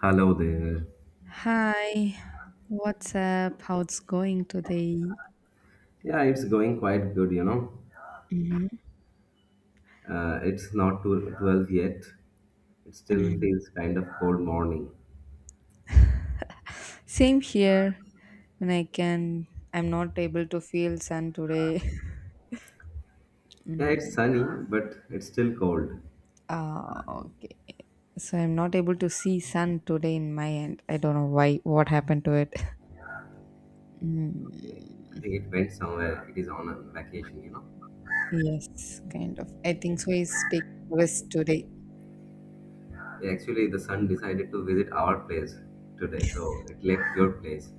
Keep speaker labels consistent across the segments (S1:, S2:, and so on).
S1: Hello there.
S2: Hi, what's up? How's going today?
S1: Yeah, it's going quite good.
S2: Mhm.
S1: It's not 12 yet. It still feels kind of cold morning.
S2: Same here. When I can, I'm not able to feel sun today.
S1: Yeah, it's
S2: Mm,
S1: sunny, but it's still cold.
S2: ah, okay. So I'm not able to see sun today in my end. I don't know why. What happened to it?
S1: Okay. I
S2: Mm,
S1: think it went somewhere. It is on a vacation.
S2: yes, kind of. I think so. He's taking rest today.
S1: Yeah, actually, the sun decided to visit our place today, so it left your place.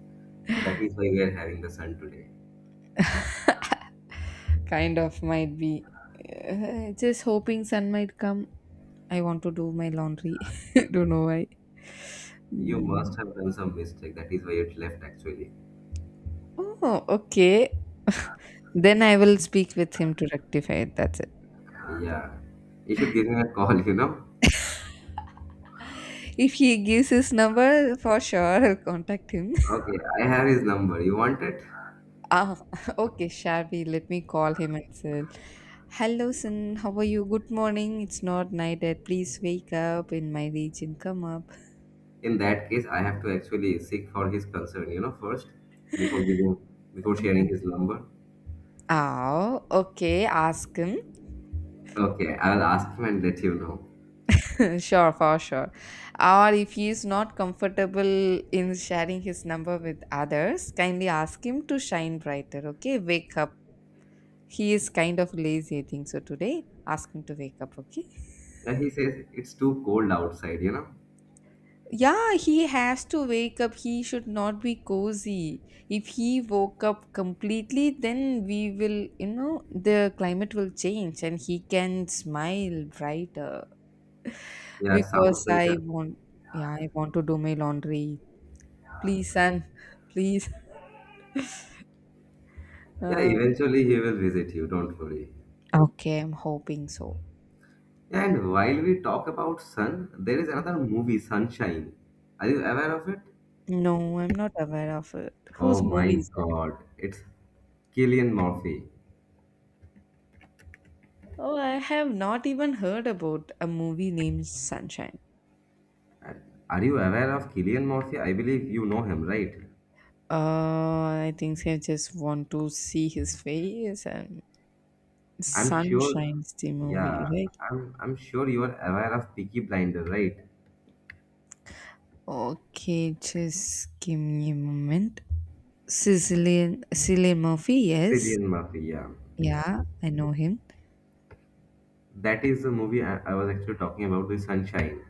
S1: So that is why we are having the sun today.
S2: Kind of might be just hoping sun might come. I want to do my laundry. Don't know why.
S1: You
S2: Mm.
S1: must have done some mistake. That is why it left, actually.
S2: Oh, okay. Then I will speak with him to rectify it, that's it.
S1: Yeah. You should give him a call.
S2: If he gives his number, for sure I'll contact him.
S1: Okay, I have his number. You want it?
S2: Ah, okay, shabby, let me call him and say, hello sun, how are you, good morning, it's not night yet, please wake up in my region, come up.
S1: In that case, I have to actually seek for his concern first before giving before sharing his number.
S2: Ah, okay, ask him.
S1: Okay, I'll ask him and let you know.
S2: Sure, for sure. Or if he is not comfortable in sharing his number with others, kindly ask him to shine brighter, okay? Wake up. He is kind of lazy, I think so today. Ask him to wake up, okay?
S1: Yeah, he says it's too cold outside.
S2: Yeah, he has to wake up. He should not be cozy. If he woke up completely, then we will, the climate will change and he can smile brighter
S1: Yeah, sounds
S2: because
S1: like
S2: I
S1: a.
S2: want, yeah, I want to do my laundry. Please, son. Please.
S1: Yeah,
S2: Uh,
S1: eventually he will visit, you don't worry.
S2: Okay, I'm hoping so.
S1: And while we talk about sun, there is another movie, Sunshine. Are you aware of it?
S2: No, I'm not aware of it.
S1: Oh
S2: Whose
S1: my
S2: movie is that?
S1: god, it's Killian Murphy.
S2: Oh, I have not even heard about a movie named Sunshine.
S1: Are you aware of Killian Murphy? I believe you know him, right?
S2: I think I just want to see his face, and
S1: I'm sure,
S2: Sunshine's the movie,
S1: yeah,
S2: right?
S1: I'm sure you are aware of Peaky Blinder, right?
S2: Okay, just give me a moment. Sicilian Cillian Murphy, yes.
S1: Cillian Murphy, yeah.
S2: Yeah, I know him.
S1: That is the movie I was actually talking about, the Sunshine.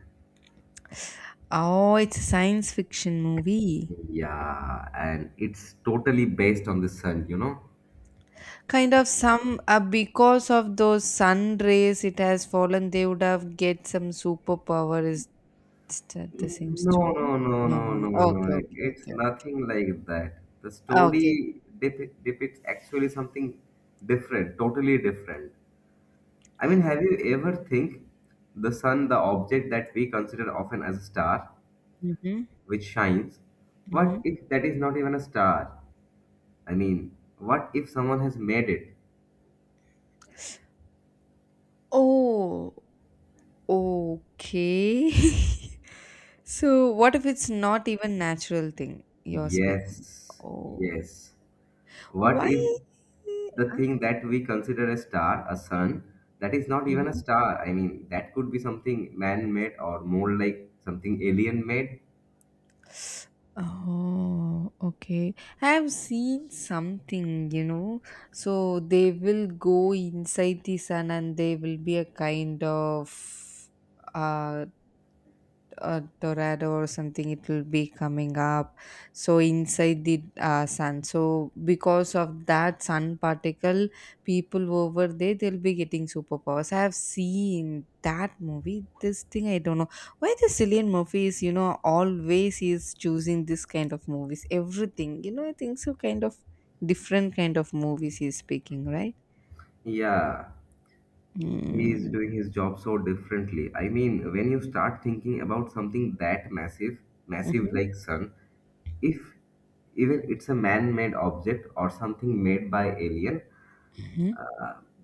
S2: Oh, it's a science fiction movie.
S1: Yeah, and it's totally based on the sun, you know?
S2: Kind of some, because of those sun rays it has fallen, they would have get some superpower, is that the same
S1: No,
S2: story?
S1: no, no,
S2: no
S1: no,
S2: no no.
S1: no, no.
S2: Okay, okay,
S1: It's
S2: okay.
S1: nothing like that. The
S2: Okay.
S1: story depicts actually something different, totally different. I mean,
S2: Oh.
S1: have you ever think the sun, the object that we consider often as a star,
S2: Mm-hmm,
S1: which shines,
S2: mm-hmm.
S1: what if that is not even a star? I mean, what if someone has made it?
S2: Oh, okay. So what if it's not even natural thing you're speaking?
S1: Yes,
S2: Oh,
S1: yes. What if
S2: why?
S1: the thing that we consider a star, a sun, that is not even a
S2: Huh?
S1: star? I mean, that could be something man made or more like something alien made.
S2: Oh, okay. I have seen something, you know. So they will go inside the sun and they will be a kind of uh tornado or something, it will be coming up. So inside the sun, so because of that sun particle, people over there, they'll be getting superpowers. I have seen that movie. This thing, I don't know why the Cillian Murphy is, you know, always he is choosing this kind of movies, everything, you know. I think so, kind of different kind of movies he's picking, right?
S1: Yeah. He is
S2: Mm-hmm.
S1: doing his job so differently. I mean, when you start thinking about something that massive, massive
S2: Mm-hmm.
S1: like sun, if even it's a man-made object or something made by alien,
S2: Mm-hmm.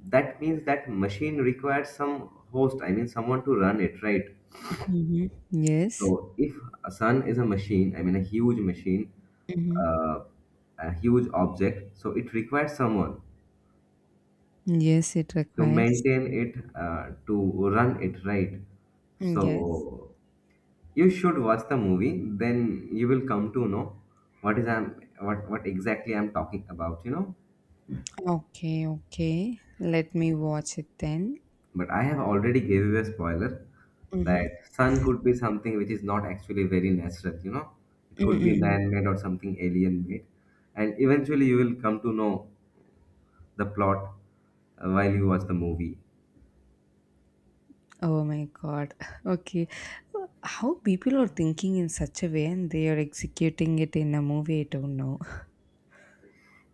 S1: that means that machine requires some host. I mean, someone to run it, right?
S2: Mm-hmm. Yes.
S1: So if a sun is a machine, I mean a huge machine,
S2: Mm-hmm.
S1: uh, a huge object, so it requires someone
S2: Yes, it
S1: to
S2: requires.
S1: maintain it, to run it, right?
S2: Mm,
S1: So
S2: yes.
S1: you should watch the movie, then you will come to know what exactly I'm talking about.
S2: Okay, okay. Let me watch it then.
S1: But I have already gave you a spoiler
S2: Mm-hmm.
S1: that sun could be something which is not actually very natural. It could be
S2: Mm-mm.
S1: man-made or something alien-made. And eventually you will come to know the plot while you watch the movie.
S2: Oh my God. Okay. How people are thinking in such a way and they are executing it in a movie, I don't know.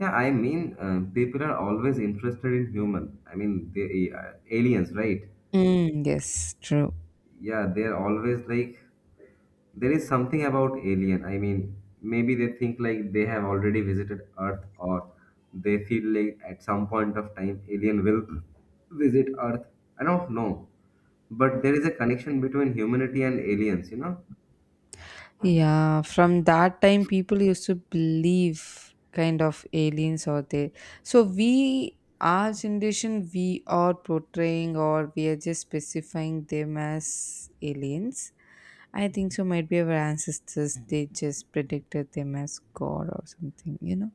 S1: Yeah, I mean, people are always interested in human. I mean, they aliens, right?
S2: Mm, yes, true.
S1: Yeah, they're always like, there is something about alien, I mean, maybe they think like they have already visited earth, or they feel like at some point of time alien will visit earth. I don't know, but there is a connection between humanity and aliens.
S2: Yeah, from that time, people used to believe kind of aliens are there. So we, our generation, we are portraying or we are just specifying them as aliens. I think so. Might be our ancestors. They just predicted them as God or something. You know.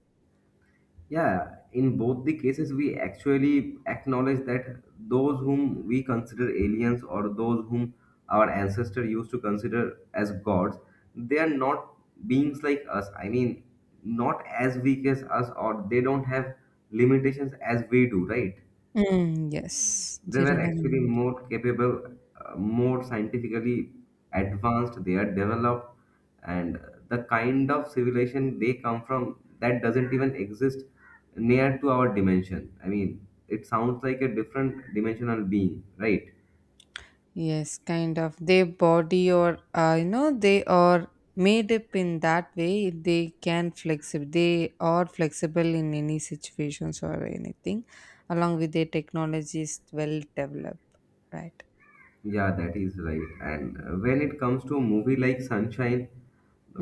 S1: Yeah, in both the cases, we actually acknowledge that those whom we consider aliens or those whom our ancestors used to consider as gods, they are not beings like us. I mean, not as weak as us, or they don't have limitations as we do, right?
S2: Mm, yes,
S1: They
S2: they
S1: were
S2: don't have
S1: actually
S2: any.
S1: more capable, more scientifically advanced. They are developed, and the kind of civilization they come from that doesn't even exist near to our dimension. I mean, it sounds like a different dimensional being, right?
S2: Yes, kind of. Their body or, you know, they are made up in that way. They can flexible. They are flexible in any situations or anything. Along with their technology is well developed, right?
S1: Yeah, that is right. And when it comes to a movie like Sunshine,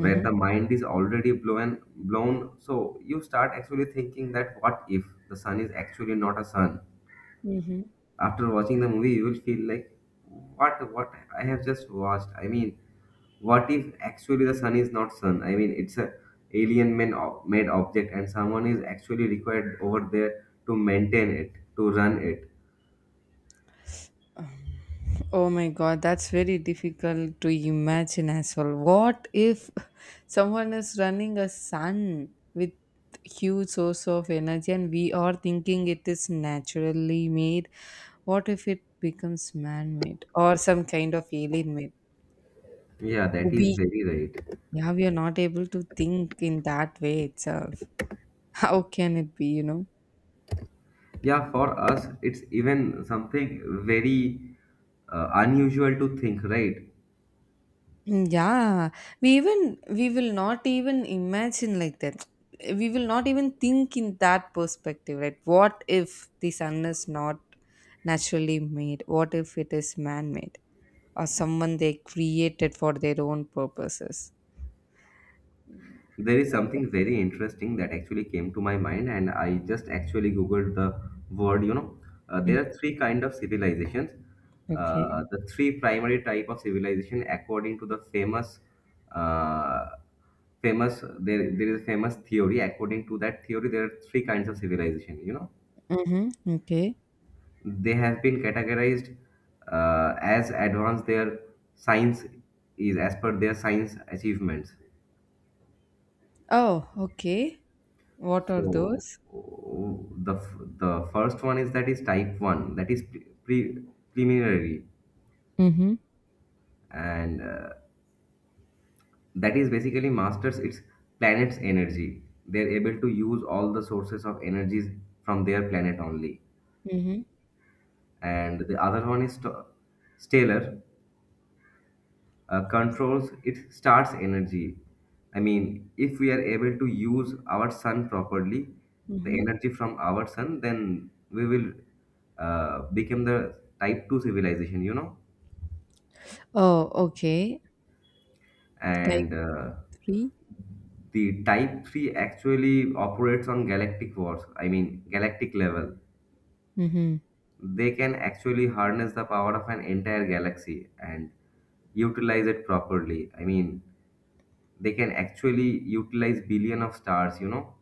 S1: where the mind is already blown, blown, so you start actually thinking that what if the sun is actually not a sun?
S2: Mm-hmm.
S1: After watching the movie, you will feel like, what I have just watched. I mean, what if actually the sun is not sun? I mean, it's a alien man made object, and someone is actually required over there to maintain it, to run it.
S2: Oh my god, that's very difficult to imagine as well. What if someone is running a sun with huge source of energy and we are thinking it is naturally made? What if it becomes man-made or some kind of alien made?
S1: Yeah, that is
S2: We
S1: very right.
S2: Yeah, we are not able to think in that way itself. How can it be, you know?
S1: Yeah, for us, it's even something very unusual to think, right?
S2: Mm, yeah, we will not even imagine like that. We will not even think in that perspective, right? What if the sun is not naturally made? What if it is man-made or someone they created for their own purposes?
S1: There is
S2: What if?
S1: something very interesting that actually came to my mind, and I just actually googled the word. You know, there
S2: Mhm.
S1: are three kind of civilizations.
S2: Okay.
S1: The three primary type of civilization, according to the famous, uh, famous there is a famous theory. According to that theory, there are three kinds of civilization.
S2: Mm-hmm. Okay.
S1: They have been categorized as advanced their science is as per their science achievements.
S2: Oh, okay. What are
S1: So
S2: those?
S1: the the first one is that is type one that is preliminary,
S2: Mm-hmm.
S1: and that is basically masters its planet's energy. They're able to use all the sources of energies from their planet only.
S2: Mm-hmm.
S1: And the other one is stellar, controls its star's energy. I mean, if we are able to use our sun properly, the
S2: Mm-hmm.
S1: energy from our sun, then we will become the type 2 civilization, you know?
S2: Oh, okay. Type
S1: And
S2: 3.
S1: the type 3 actually operates on galactic wars, I mean, galactic level.
S2: Mm-hmm.
S1: They can actually harness the power of an entire galaxy and utilize it properly. I mean, they can actually utilize billion of stars.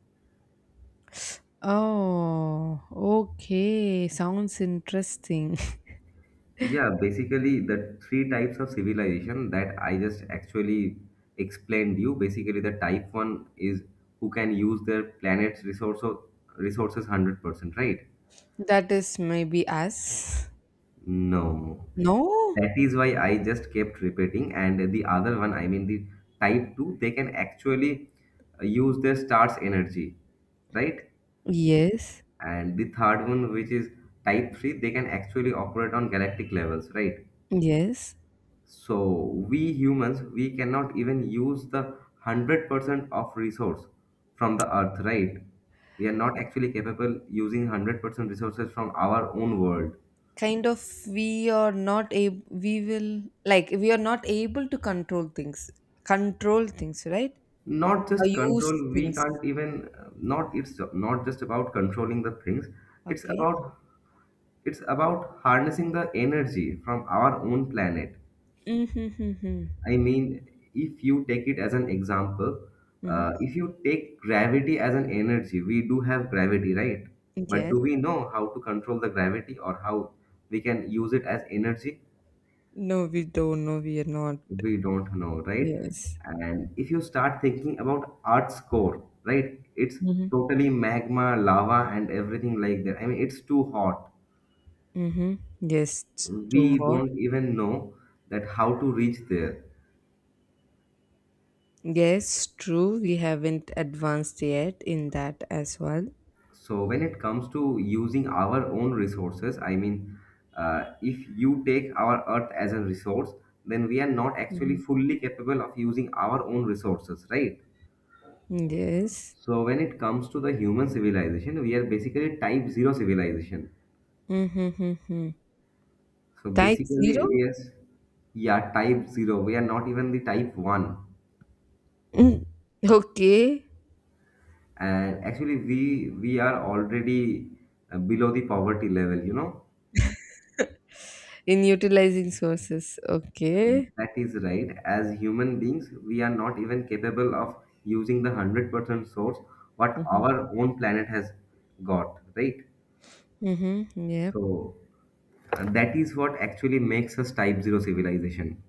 S2: Oh, okay. Sounds interesting.
S1: Yeah, basically the three types of civilization that I just actually explained you, basically the type one is who can use their planet's resources 100%, right?
S2: That is maybe us.
S1: No,
S2: No?
S1: that is why I just kept repeating. And the other one, I mean the type two, they can actually use their stars energy, right?
S2: Yes.
S1: And the third one, which is type 3, they can actually operate on galactic levels, right?
S2: Yes.
S1: So we humans, we cannot even use the 100% of resource from the earth, right? We are not actually capable using 100% resources from our own world.
S2: Kind of we are not able to control things. Control things, right?
S1: Not
S2: Or
S1: just control,
S2: use
S1: we
S2: things.
S1: can't even. Not, it's not just about controlling the things. it's
S2: Okay.
S1: about it's about harnessing the energy from our own planet.
S2: Mm-hmm.
S1: I mean, if you take it as an example,
S2: Mm-hmm.
S1: if you take gravity as an energy, we do have gravity, right? But
S2: Yes.
S1: do we know how to control the gravity or how we can use it as energy?
S2: No, we don't know. We are not.
S1: We don't know, right?
S2: Yes.
S1: And if you start thinking about Earth's core, right? It's
S2: Mm-hmm.
S1: totally magma, lava, and everything like that. I mean, it's too hot.
S2: Mm-hmm. Yes. It's too
S1: We
S2: hot.
S1: don't even know that how to reach there.
S2: Yes, true. We haven't advanced yet in that as well.
S1: So when it comes to using our own resources, I mean, if you take our Earth as a resource, then we are not actually
S2: Mhm.
S1: fully capable of using our own resources, right?
S2: Yes.
S1: So when it comes to the human civilization, we are basically type zero civilization.
S2: Mm-hmm.
S1: So
S2: Type
S1: basically, we
S2: zero?
S1: are, yeah, type zero. We are not even the type one,
S2: Mm. Okay.
S1: and actually, we are already below the poverty level.
S2: In utilizing sources. Okay.
S1: That is right. As human beings, we are not even capable of using the 100% source what
S2: Mm-hmm.
S1: our own planet has got, right?
S2: Mm-hmm. Yep.
S1: So that is what actually makes us type zero civilization.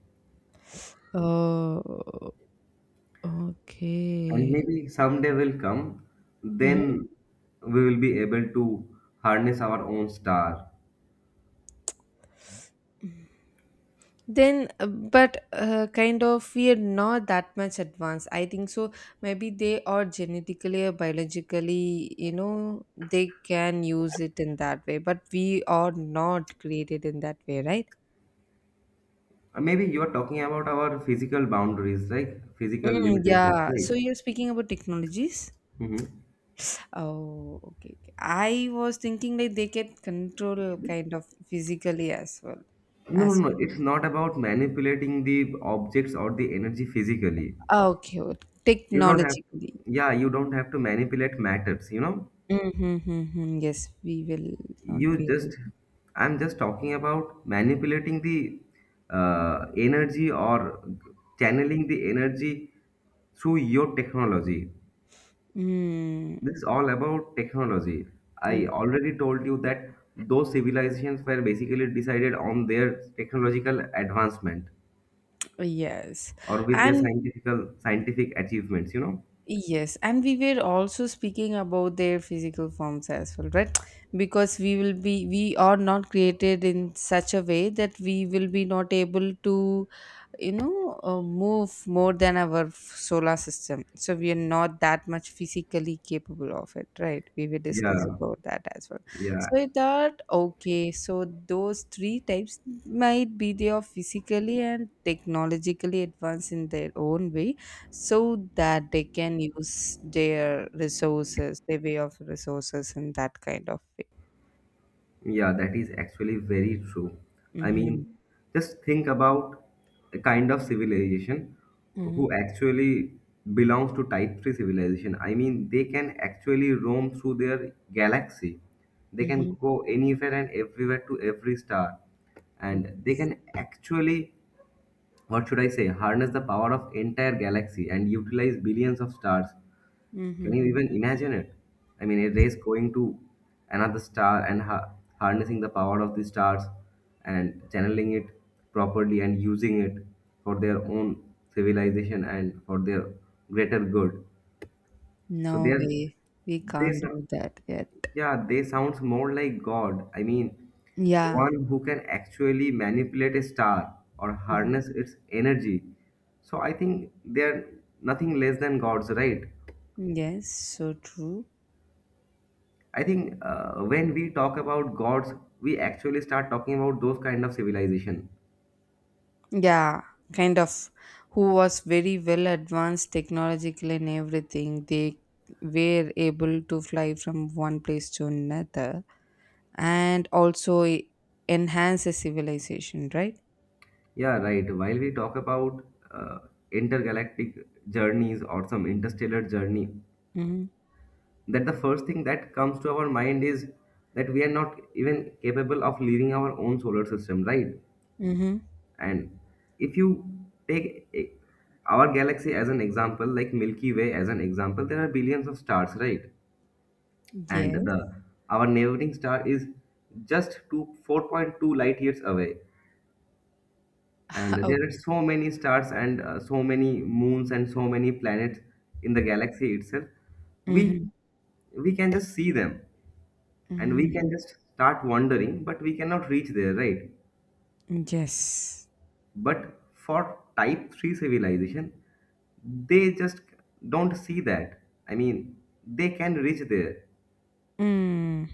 S2: Oh,
S1: And
S2: okay.
S1: maybe someday will come,
S2: Mm-hmm.
S1: then we will be able to harness our own star.
S2: Then but kind of we are not that much advanced, I think so. Maybe they are genetically or biologically, you know, they can use it in that way, but we are not created in that way, right?
S1: Or maybe you are talking about our physical boundaries, like physical
S2: Mm,
S1: limitations,
S2: yeah,
S1: right?
S2: so you're speaking about technologies.
S1: Mm-hmm.
S2: Oh, okay, okay, I was thinking like they can control kind of physically as well.
S1: No, no,
S2: As
S1: no. It's not about manipulating the objects or the energy physically.
S2: Okay, okay,
S1: You don't have,
S2: technologically.
S1: yeah, you don't have to manipulate matters, you know.
S2: Mm-hmm, mm-hmm. Yes, we will not be
S1: You
S2: able.
S1: just, I'm just talking about manipulating the energy or channeling the energy through your technology.
S2: Mm,
S1: This is all about technology. I
S2: mm,
S1: already told you that those civilizations were basically decided on their technological advancement,
S2: yes.
S1: or with their
S2: And
S1: scientific achievements.
S2: yes, and we were also speaking about their physical forms as well, right? Because we are not created in such a way that we will be not able to, you know, move more than our solar system, so we are not that much physically capable of it, right? We will discuss
S1: Yeah,
S2: about that as well.
S1: yeah,
S2: So I thought, okay, so those three types, might be they are physically and technologically advanced in their own way, so that they can use their resources, their way of resources, in that kind of way.
S1: yeah, that is actually very true. I mean,
S2: Hmm.
S1: just think about a kind of civilization
S2: Hmm.
S1: who actually belongs to type 3 civilization. I mean, they can actually roam through their galaxy. They
S2: Hmm.
S1: can go anywhere and everywhere to every star, and they can actually, what should I say, harness the power of entire galaxy and utilize billions of stars. Can you
S2: Hmm.
S1: even imagine it? I mean, a race going to another star and harnessing the power of the stars and channeling it properly and using it for their own civilization and for their greater good. So they
S2: No
S1: are,
S2: way. We
S1: they,
S2: can't
S1: sou-
S2: do that yet.
S1: yeah, they sounds more like God. I mean,
S2: Yeah.
S1: one who can actually manipulate a star or
S2: Mhm.
S1: harness its energy. So I think they are nothing less than gods, right?
S2: Yes, so true.
S1: I think when we talk about gods, we actually start talking about those kind of civilization.
S2: Yeah, kind of who was very well advanced technologically in everything. They were able to fly from one place to another, and also enhance a civilization, right?
S1: Yeah, right. While we talk about uh, intergalactic journeys or some interstellar journey,
S2: Mm-hmm.
S1: that the first thing that comes to our mind is that we are not even capable of leaving our own solar system, right?
S2: Mm-hmm.
S1: And if you take our galaxy as an example, like Milky Way as an example, there are billions of stars, right? and
S2: Yes.
S1: the our neighboring star is just 4.2 light years away. And
S2: Oh.
S1: there are so many stars and so many moons and so many planets in the galaxy itself.
S2: Mm-hmm.
S1: We we can just see them, and we can
S2: Mm-hmm.
S1: just start wandering, but we cannot reach there, right?
S2: Yes.
S1: But for type 3 civilization, they just don't see that. I mean, they can reach there,
S2: Mm.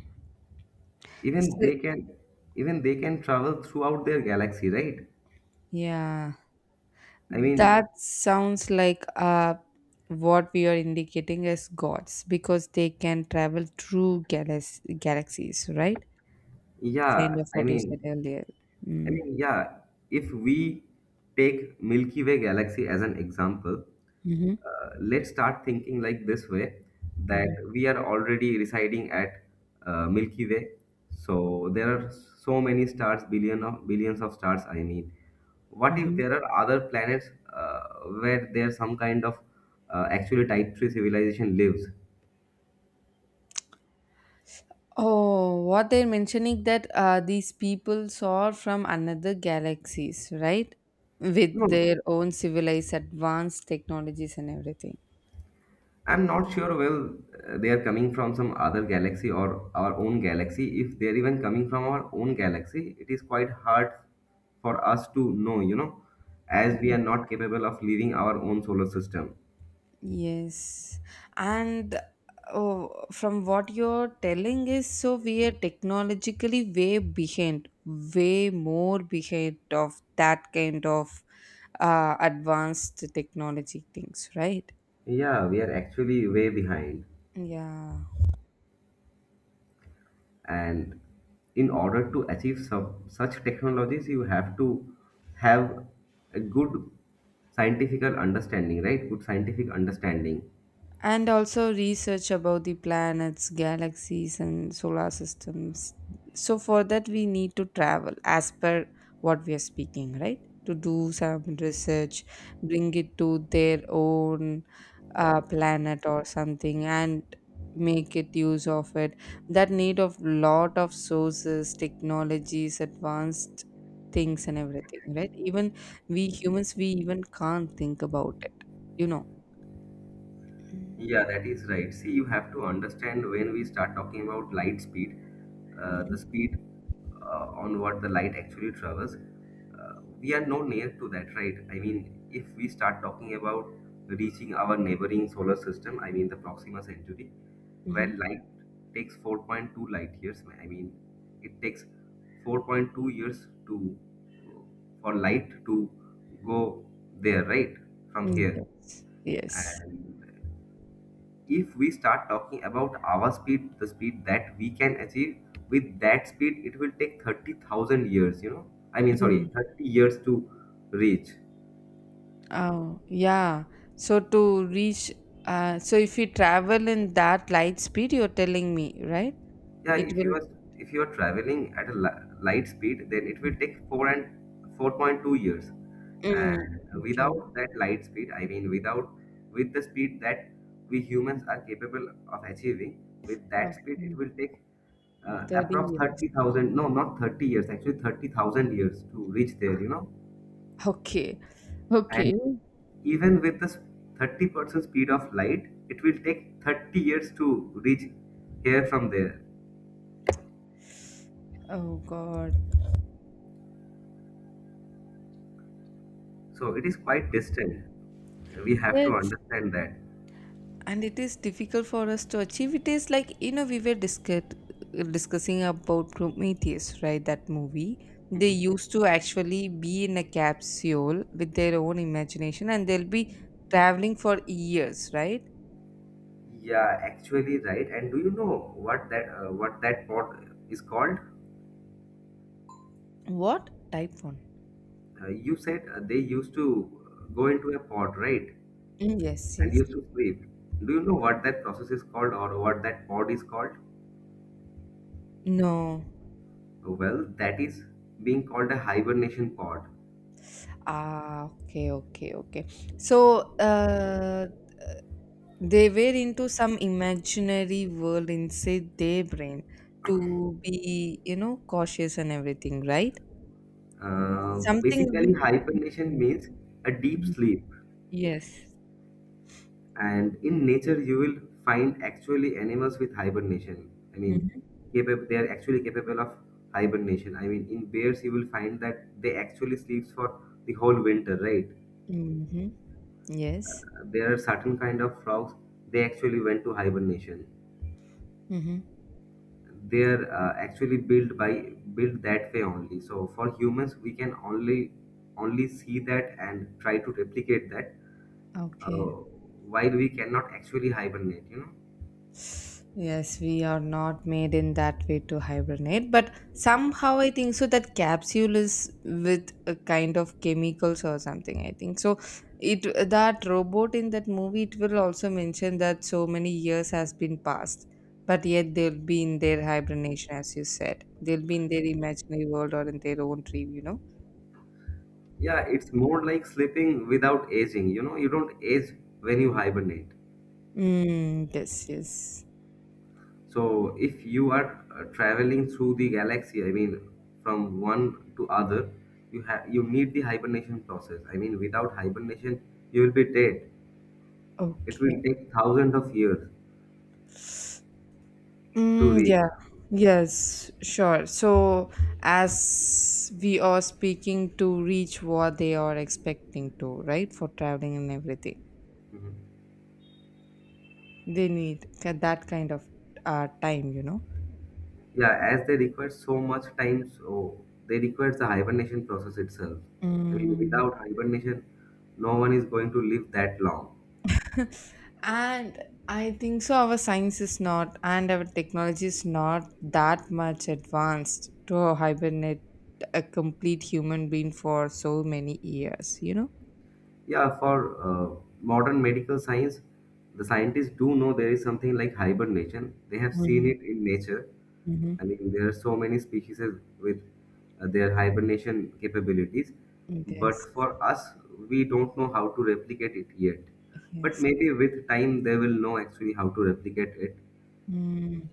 S1: even
S2: So,
S1: they can even they can travel throughout their galaxy, right?
S2: yeah.
S1: I mean,
S2: That sounds like, what we are indicating as gods, because they can travel through galaxies, right? Kind
S1: yeah.
S2: of
S1: I
S2: what you
S1: mean,
S2: said earlier. Mm.
S1: yeah, if we take Milky Way galaxy as an example,
S2: Hmm.
S1: let's start thinking like this way, that
S2: Hmm.
S1: we are already residing at Milky Way. So there are so many stars, billion of billions of stars. I mean, what if
S2: Hmm.
S1: there are other planets uh, where there's some kind of actually type 3 civilization lives?
S2: Oh, what they're mentioning that, these people saw from another galaxies, right? With
S1: No,
S2: their
S1: no.
S2: own civilized advanced technologies and everything.
S1: I'm not sure. Well, they are coming from some other galaxy or our own galaxy. If they're even coming from our own galaxy, it is quite hard for us to know, as we are not capable of leaving our own solar system.
S2: Yes. And oh, from what you're telling is, so we are technologically way behind, way more behind of that kind of advanced technology things, right?
S1: Yeah, we are actually way behind.
S2: Yeah.
S1: And in order to achieve such technologies, you have to have a good scientific understanding, right? Good scientific understanding.
S2: And also research about the planets, galaxies, and solar systems. So for that we need to travel as per what we are speaking, right? To do some research, bring it to their own planet or something, and make it use of it. That need of lot of sources, technologies, advanced things and everything, right? Even we humans, we even can't think about it, you know. Mm.
S1: Yeah, that is right. See, you have to understand, when we start talking about light speed, the
S2: Mhm,
S1: speed on what the light actually travels, we are no near to that, right? I mean, if we start talking about reaching our neighboring solar system, I mean the Proxima Centauri, where
S2: mhm.
S1: light takes 4.2 light years, I mean, it takes 4.2 years to for light to go there, right, from
S2: Mm,
S1: here.
S2: yes, yes.
S1: And if we start talking about our speed, the speed that we can achieve, with that speed it will take 30,000 years, you know. I mean, sorry,
S2: Mm.
S1: 30 years to reach.
S2: Oh yeah, so to reach, so if you travel in that light speed, you're telling me, right?
S1: Yeah,
S2: It
S1: if you
S2: will.
S1: are if you are traveling at a light speed, then it will take 4 and 4.2 years.
S2: Mm,
S1: And
S2: okay.
S1: without that light speed, I mean, without with the speed that we humans are capable of achieving, with that speed, it
S2: Okay.
S1: will take
S2: 30
S1: approx
S2: years.
S1: 30,000. No, not 30 years. Actually, 30,000 years to reach there. You know,
S2: Okay, okay.
S1: and even with the 30% speed of light, it will take 30 years to reach here from there.
S2: Oh God.
S1: So it is quite distant. We have to
S2: Yes.
S1: understand that.
S2: And it is difficult for us to achieve. It is like, you know, we were discussing about Prometheus, right? That movie. They
S1: Mhm.
S2: used to actually be in a capsule with their own imagination and they'll be traveling for years, right?
S1: Yeah, actually, right. And do you know what that pot is called?
S2: What? Type 1.
S1: You said they used to go into a pod, right?
S2: Mm, yes,
S1: And
S2: yes.
S1: used to sleep. Do you know what that process is called or what that pod is called?
S2: No.
S1: Well, that is being called a hibernation pod.
S2: Ah, okay, okay, okay. So, they were into some imaginary world inside their brain to be, you know, cautious and everything, right?
S1: Uh,
S2: Something will
S1: Basically,
S2: be.
S1: hibernation means a deep
S2: Mhm.
S1: sleep.
S2: Yes.
S1: And in nature you will find actually animals with hibernation. I mean,
S2: Mm-hmm.
S1: capable they are actually capable of hibernation. I mean, in bears you will find that they actually sleeps for the whole winter, right?
S2: Mm-hmm. Yes.
S1: There are certain kind of frogs, they actually went to hibernation.
S2: Mm-hmm.
S1: They are actually built that way only. So for humans, we can only see that and try to replicate that,
S2: Okay.
S1: uh, while we cannot actually hibernate, you know.
S2: Yes, we are not made in that way to hibernate, but somehow I think so that capsule is with a kind of chemicals or something, I think so. It That robot in that movie, it will also mention that so many years has been passed, but yet they'll be in their hibernation, as you said. They'll be in their imaginary world or in their own dream. You know.
S1: Yeah, it's more like sleeping without aging. You know, you don't age when you hibernate.
S2: Mm, yes. Yes.
S1: So if you are traveling through the galaxy, I mean, from one to other, you need the hibernation process. I mean, without hibernation, you will be dead. It
S2: Okay.
S1: will take thousands of years to
S2: Mm,
S1: reach.
S2: yeah, yes, sure. So, as we are speaking to reach what they are expecting to, right, for traveling and everything,
S1: Mhm.
S2: they need that kind of time, you know.
S1: Yeah, as they require so much time, so they require the hibernation process itself. I mean,
S2: Mm.
S1: without hibernation, no one is going to live that long.
S2: And I think so, our science is not, and our technology is not that much advanced to hibernate a complete human being for so many years, you know.
S1: Yeah, for modern medical science, the scientists do know there is something like hibernation. They have seen
S2: Mm-hmm.
S1: it in nature.
S2: Mm-hmm.
S1: I mean, there are so many species with their hibernation capabilities,
S2: Yes,
S1: but for us, we don't know how to replicate it yet. But
S2: yes.
S1: maybe with time, they will know actually how to replicate it.
S2: Mm.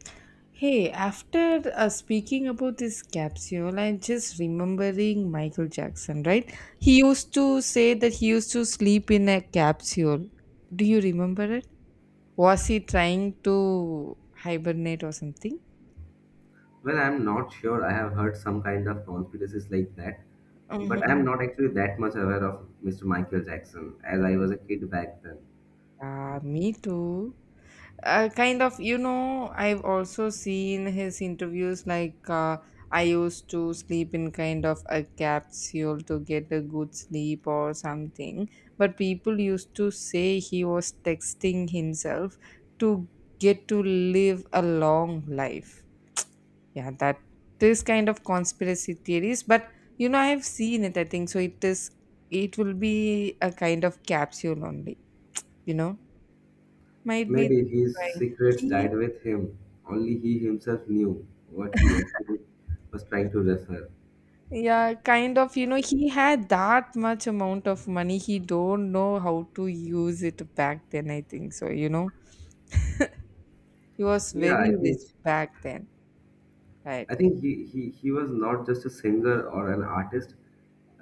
S2: Hey, after speaking about this capsule, I'm just remembering Michael Jackson, right? He used to say that he used to sleep in a capsule. Do you remember it? Was he trying to hibernate or something?
S1: Well, I'm not sure. I have heard some kind of conspiracies like that, but I'm
S2: Mhm.
S1: not actually that much aware of Mr. Michael Jackson, as I was a kid back then.
S2: Yeah, me too. Kind of, you know, I've also seen his interviews, like I used to sleep in kind of a capsule to get a good sleep or something, but people used to say he was texting himself to get to live a long life. Yeah, that, this kind of conspiracy theories, but you know, I have seen it. I think so it is, it will be a kind of capsule only, you know, might be
S1: Maybe his
S2: trying,
S1: secrets
S2: he.
S1: died with him. Only he himself knew what he actually was trying to refer.
S2: Yeah, kind of, you know, he had that much amount of money. He don't know how to use it back then, I think so, you know. He was
S1: Yeah,
S2: very
S1: I think
S2: rich back then, right?
S1: I think he was not just a singer or an artist.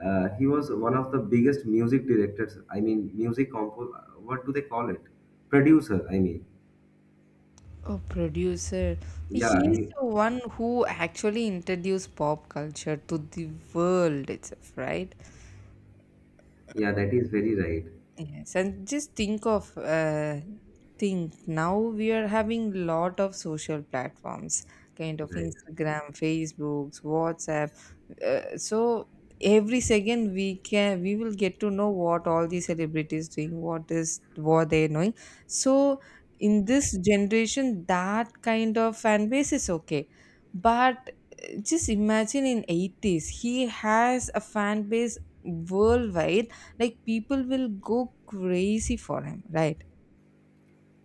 S1: He was one of the biggest music directors. I mean, music compo. What do they call it? Producer. I mean,
S2: Oh, producer. He's
S1: yeah,
S2: the one who actually introduced pop culture to the world itself, right?
S1: yeah, that is very right.
S2: Yes, and just think of think now we are having lot of social platforms, kind of
S1: Right.
S2: Instagram, Facebooks, WhatsApp. So every second we can, we will get to know what all the celebrities doing, what is, what they're doing. So in this generation, that kind of fan base is okay, but just imagine in 80s he has a fan base worldwide, like people will go crazy for him, right?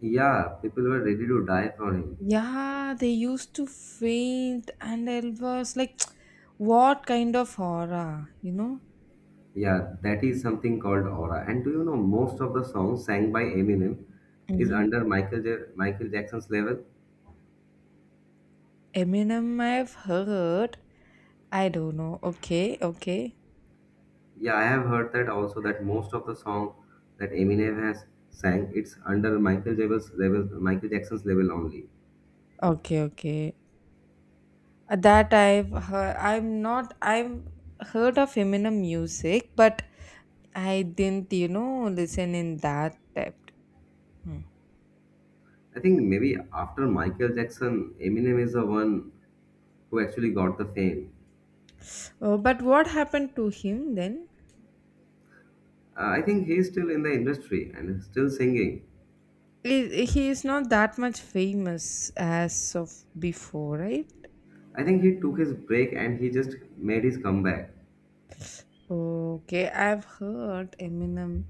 S1: Yeah, people were ready to die for him.
S2: Yeah, they used to faint and it was like, what kind of horror, you know.
S1: Yeah, that is something called aura. And do you know most of the songs sang by Eminem is
S2: Hmm.
S1: under Michael Jackson's level?
S2: Eminem, I've heard. I don't know. Okay, okay.
S1: Yeah, I have heard that also, that most of the song that Eminem has sang, it's under Michael Jackson's level only.
S2: Okay, okay. That I've heard. I'm not. I've heard of Eminem music, but I didn't, you know, listen in that depth. Hmm.
S1: I think maybe after Michael Jackson, Eminem is the one who actually got the fame.
S2: Oh, but what happened to him then?
S1: I think he's still in the industry and is still singing.
S2: He is not that much famous as of before, right?
S1: I think he took his break and he just made his comeback.
S2: Okay, I've heard Eminem.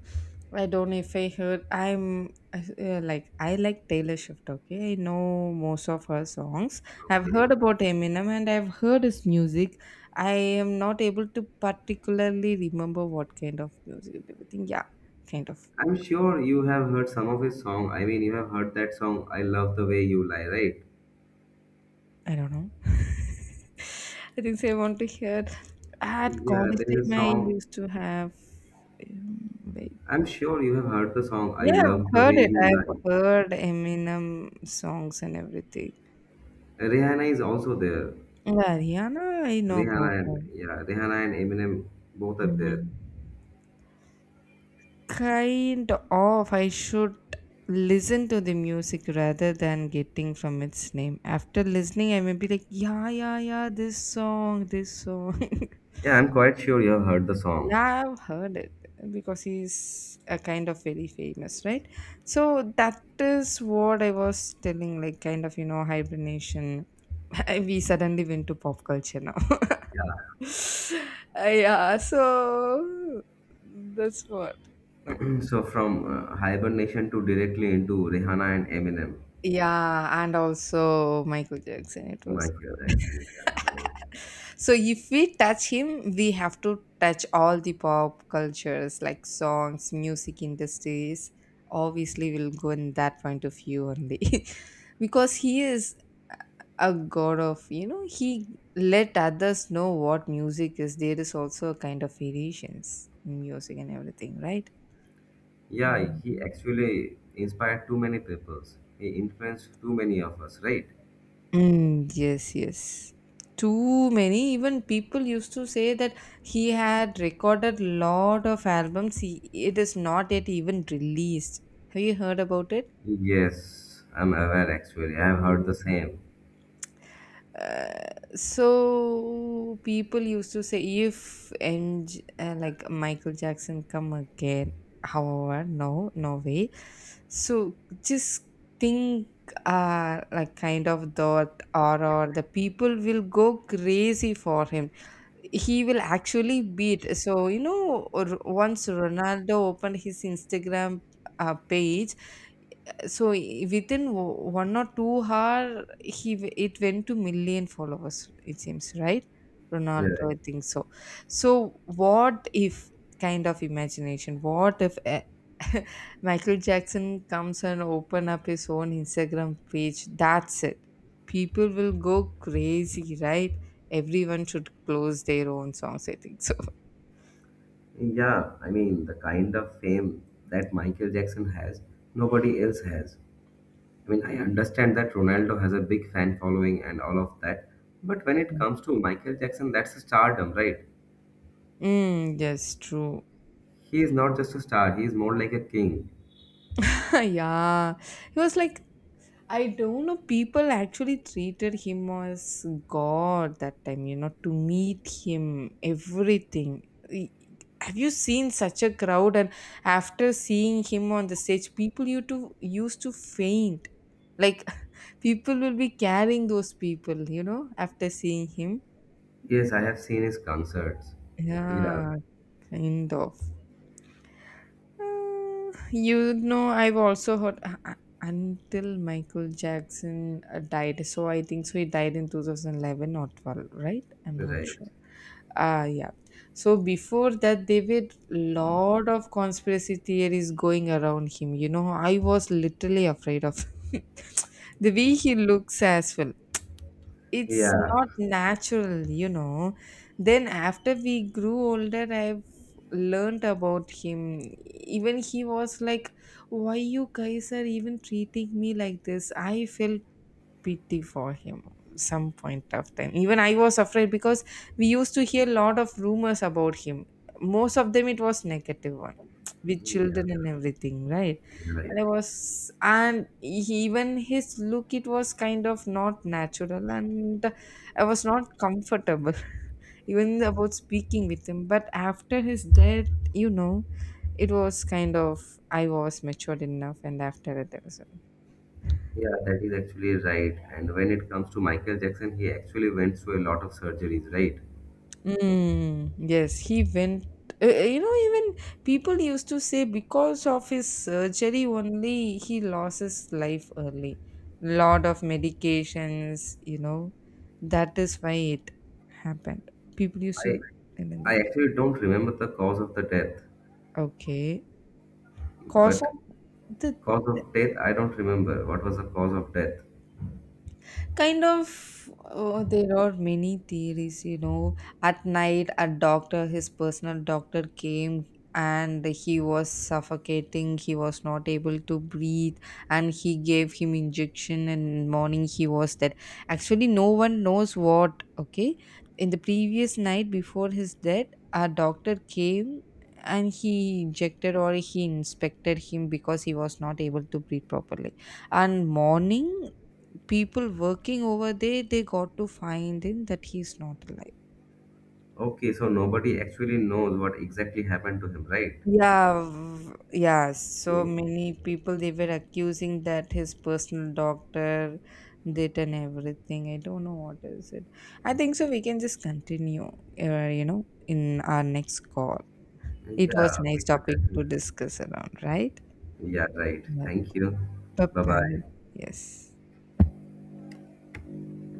S2: I don't know if I heard. I'm like, I like Taylor Swift. Okay, I know most of her songs. I've
S1: Okay.
S2: heard about Eminem and I've heard his music. I am not able to particularly remember what kind of music and everything. Yeah, kind of.
S1: I'm sure you have heard some of his song. I mean, you have heard that song, I Love the Way You Lie, right?
S2: I don't know. I think so I want to hear. At
S1: Yeah,
S2: college
S1: there is
S2: time,
S1: a
S2: I
S1: song.
S2: used to have. Wait.
S1: I'm sure you have heard the song, I
S2: Yeah, I've
S1: Love the Way
S2: heard it.
S1: You
S2: I've
S1: Lie.
S2: heard Eminem songs and everything.
S1: Rihanna is also there.
S2: Yeah, Rihanna, I know about her.
S1: Yeah, Rihanna and Eminem both are there.
S2: Mm. Kind of. I should listen to the music rather than getting from its name. After listening, I may be like, yeah, yeah, yeah, this song, this song.
S1: Yeah, I'm quite sure you have heard the song.
S2: Yeah, I've heard it because he's a kind of very famous, right? So that is what I was telling, like kind of, you know, hibernation. We suddenly went to pop culture now.
S1: Yeah.
S2: Yeah, so that's what. No.
S1: So from hibernation to directly into Rihanna and Eminem,
S2: Yeah, and also Michael Jackson. It was.
S1: Michael Jackson. Yeah, right.
S2: So if we touch him, we have to touch all the pop cultures like songs, music industries. Obviously, we'll go in that point of view only. Because he is a god of, you know, he let others know what music is. There is also a kind of variations in music and everything, right?
S1: Yeah, he
S2: Mhm.
S1: actually inspired too many people. He influenced too many of us, right?
S2: Mm, yes, yes. Too many. Even people used to say that he had recorded lot of albums. He, it is not yet even released. Have you heard about it?
S1: Yes, I'm aware actually. I've heard the same.
S2: Uh, so people used to say if and like Michael Jackson come again, however, no, no way. So just think, like kind of thought, or the people will go crazy for him. He will actually beat. So, you know, once Ronaldo opened his Instagram page, so within 1 or 2 hour, it went to million followers, it seems, right?
S1: Yeah.
S2: Ronaldo, I think so. So what if, kind of imagination, what if Michael Jackson comes and open up his own Instagram page, that's it, people will go crazy, right? Everyone should close their own songs, I think so.
S1: Yeah, I mean, the kind of fame that Michael Jackson has, nobody else has. I mean, I understand that Ronaldo has a big fan following and all of that, but when it comes to Michael Jackson, that's a stardom, right?
S2: Mm, yes, true.
S1: He is not just a star, he is more like a king.
S2: Yeah, he was like, I don't know. People actually treated him as God that time, you know, to meet him, everything. E- Have you seen such a crowd? And after seeing him on the stage, people used to, used to faint. Like, people will be carrying those people, you know, after seeing him.
S1: Yes, I have seen his concerts. Yeah,
S2: Yeah, kind of. You know, I've also heard until Michael Jackson died. So I think so, he died in 2011 or 12, right? I'm not
S1: right.
S2: sure. Ah, yeah. So before that, there were lot of conspiracy theories going around him. You know, I was literally afraid of the way he looks as well. It's
S1: Yeah,
S2: not natural, you know. Then after we grew older, I've learned about him. Even he was like, why you guys are even treating me like this? I felt pity for him. Some point of time, even I was afraid, because we used to hear a lot of rumors about him. Most of them, it was negative one, with
S1: yeah,
S2: children and everything, right?
S1: right.
S2: And I was, even his look, it was kind of not natural, and I was not comfortable even about speaking with him. But after his death, you know, it was kind of, I was matured enough, and after that.
S1: Yeah, that is actually right. And when it comes to Michael Jackson, he actually went through a lot of surgeries, right?
S2: Mm, yes, he went. You know, even people used to say because of his surgery only, he lost his life early. Lot of medications, you know, that is why it happened. People used to,
S1: I
S2: I
S1: I
S2: that.
S1: actually don't remember the cause of the death,
S2: Okay, cause
S1: but
S2: of the.
S1: cause of death I don't remember. What was the cause of death?
S2: Kind of, oh, there are many theories, you know. At night, a doctor, his personal doctor, came and he was suffocating. He was not able to breathe, and he gave him injection. And morning, he was dead. Actually, no one knows what. Okay, in the previous night before his death, a doctor came and he injected or he inspected him because he was not able to breathe properly, and morning, people working over there, they got to find him that he's not alive.
S1: Okay, so nobody actually knows what exactly happened to him, right?
S2: Yeah, yeah. So
S1: Okay.
S2: many people they were accusing that his personal doctor did and everything. I don't know what is it. I think
S1: Okay.
S2: so, we can just continue, you know, in our next call. It was
S1: Yeah,
S2: nice
S1: we should
S2: topic
S1: definitely.
S2: to discuss around, right?
S1: Yeah, right.
S2: Yeah.
S1: Thank you.
S2: Bye
S1: Bye bye.
S2: bye. Yes.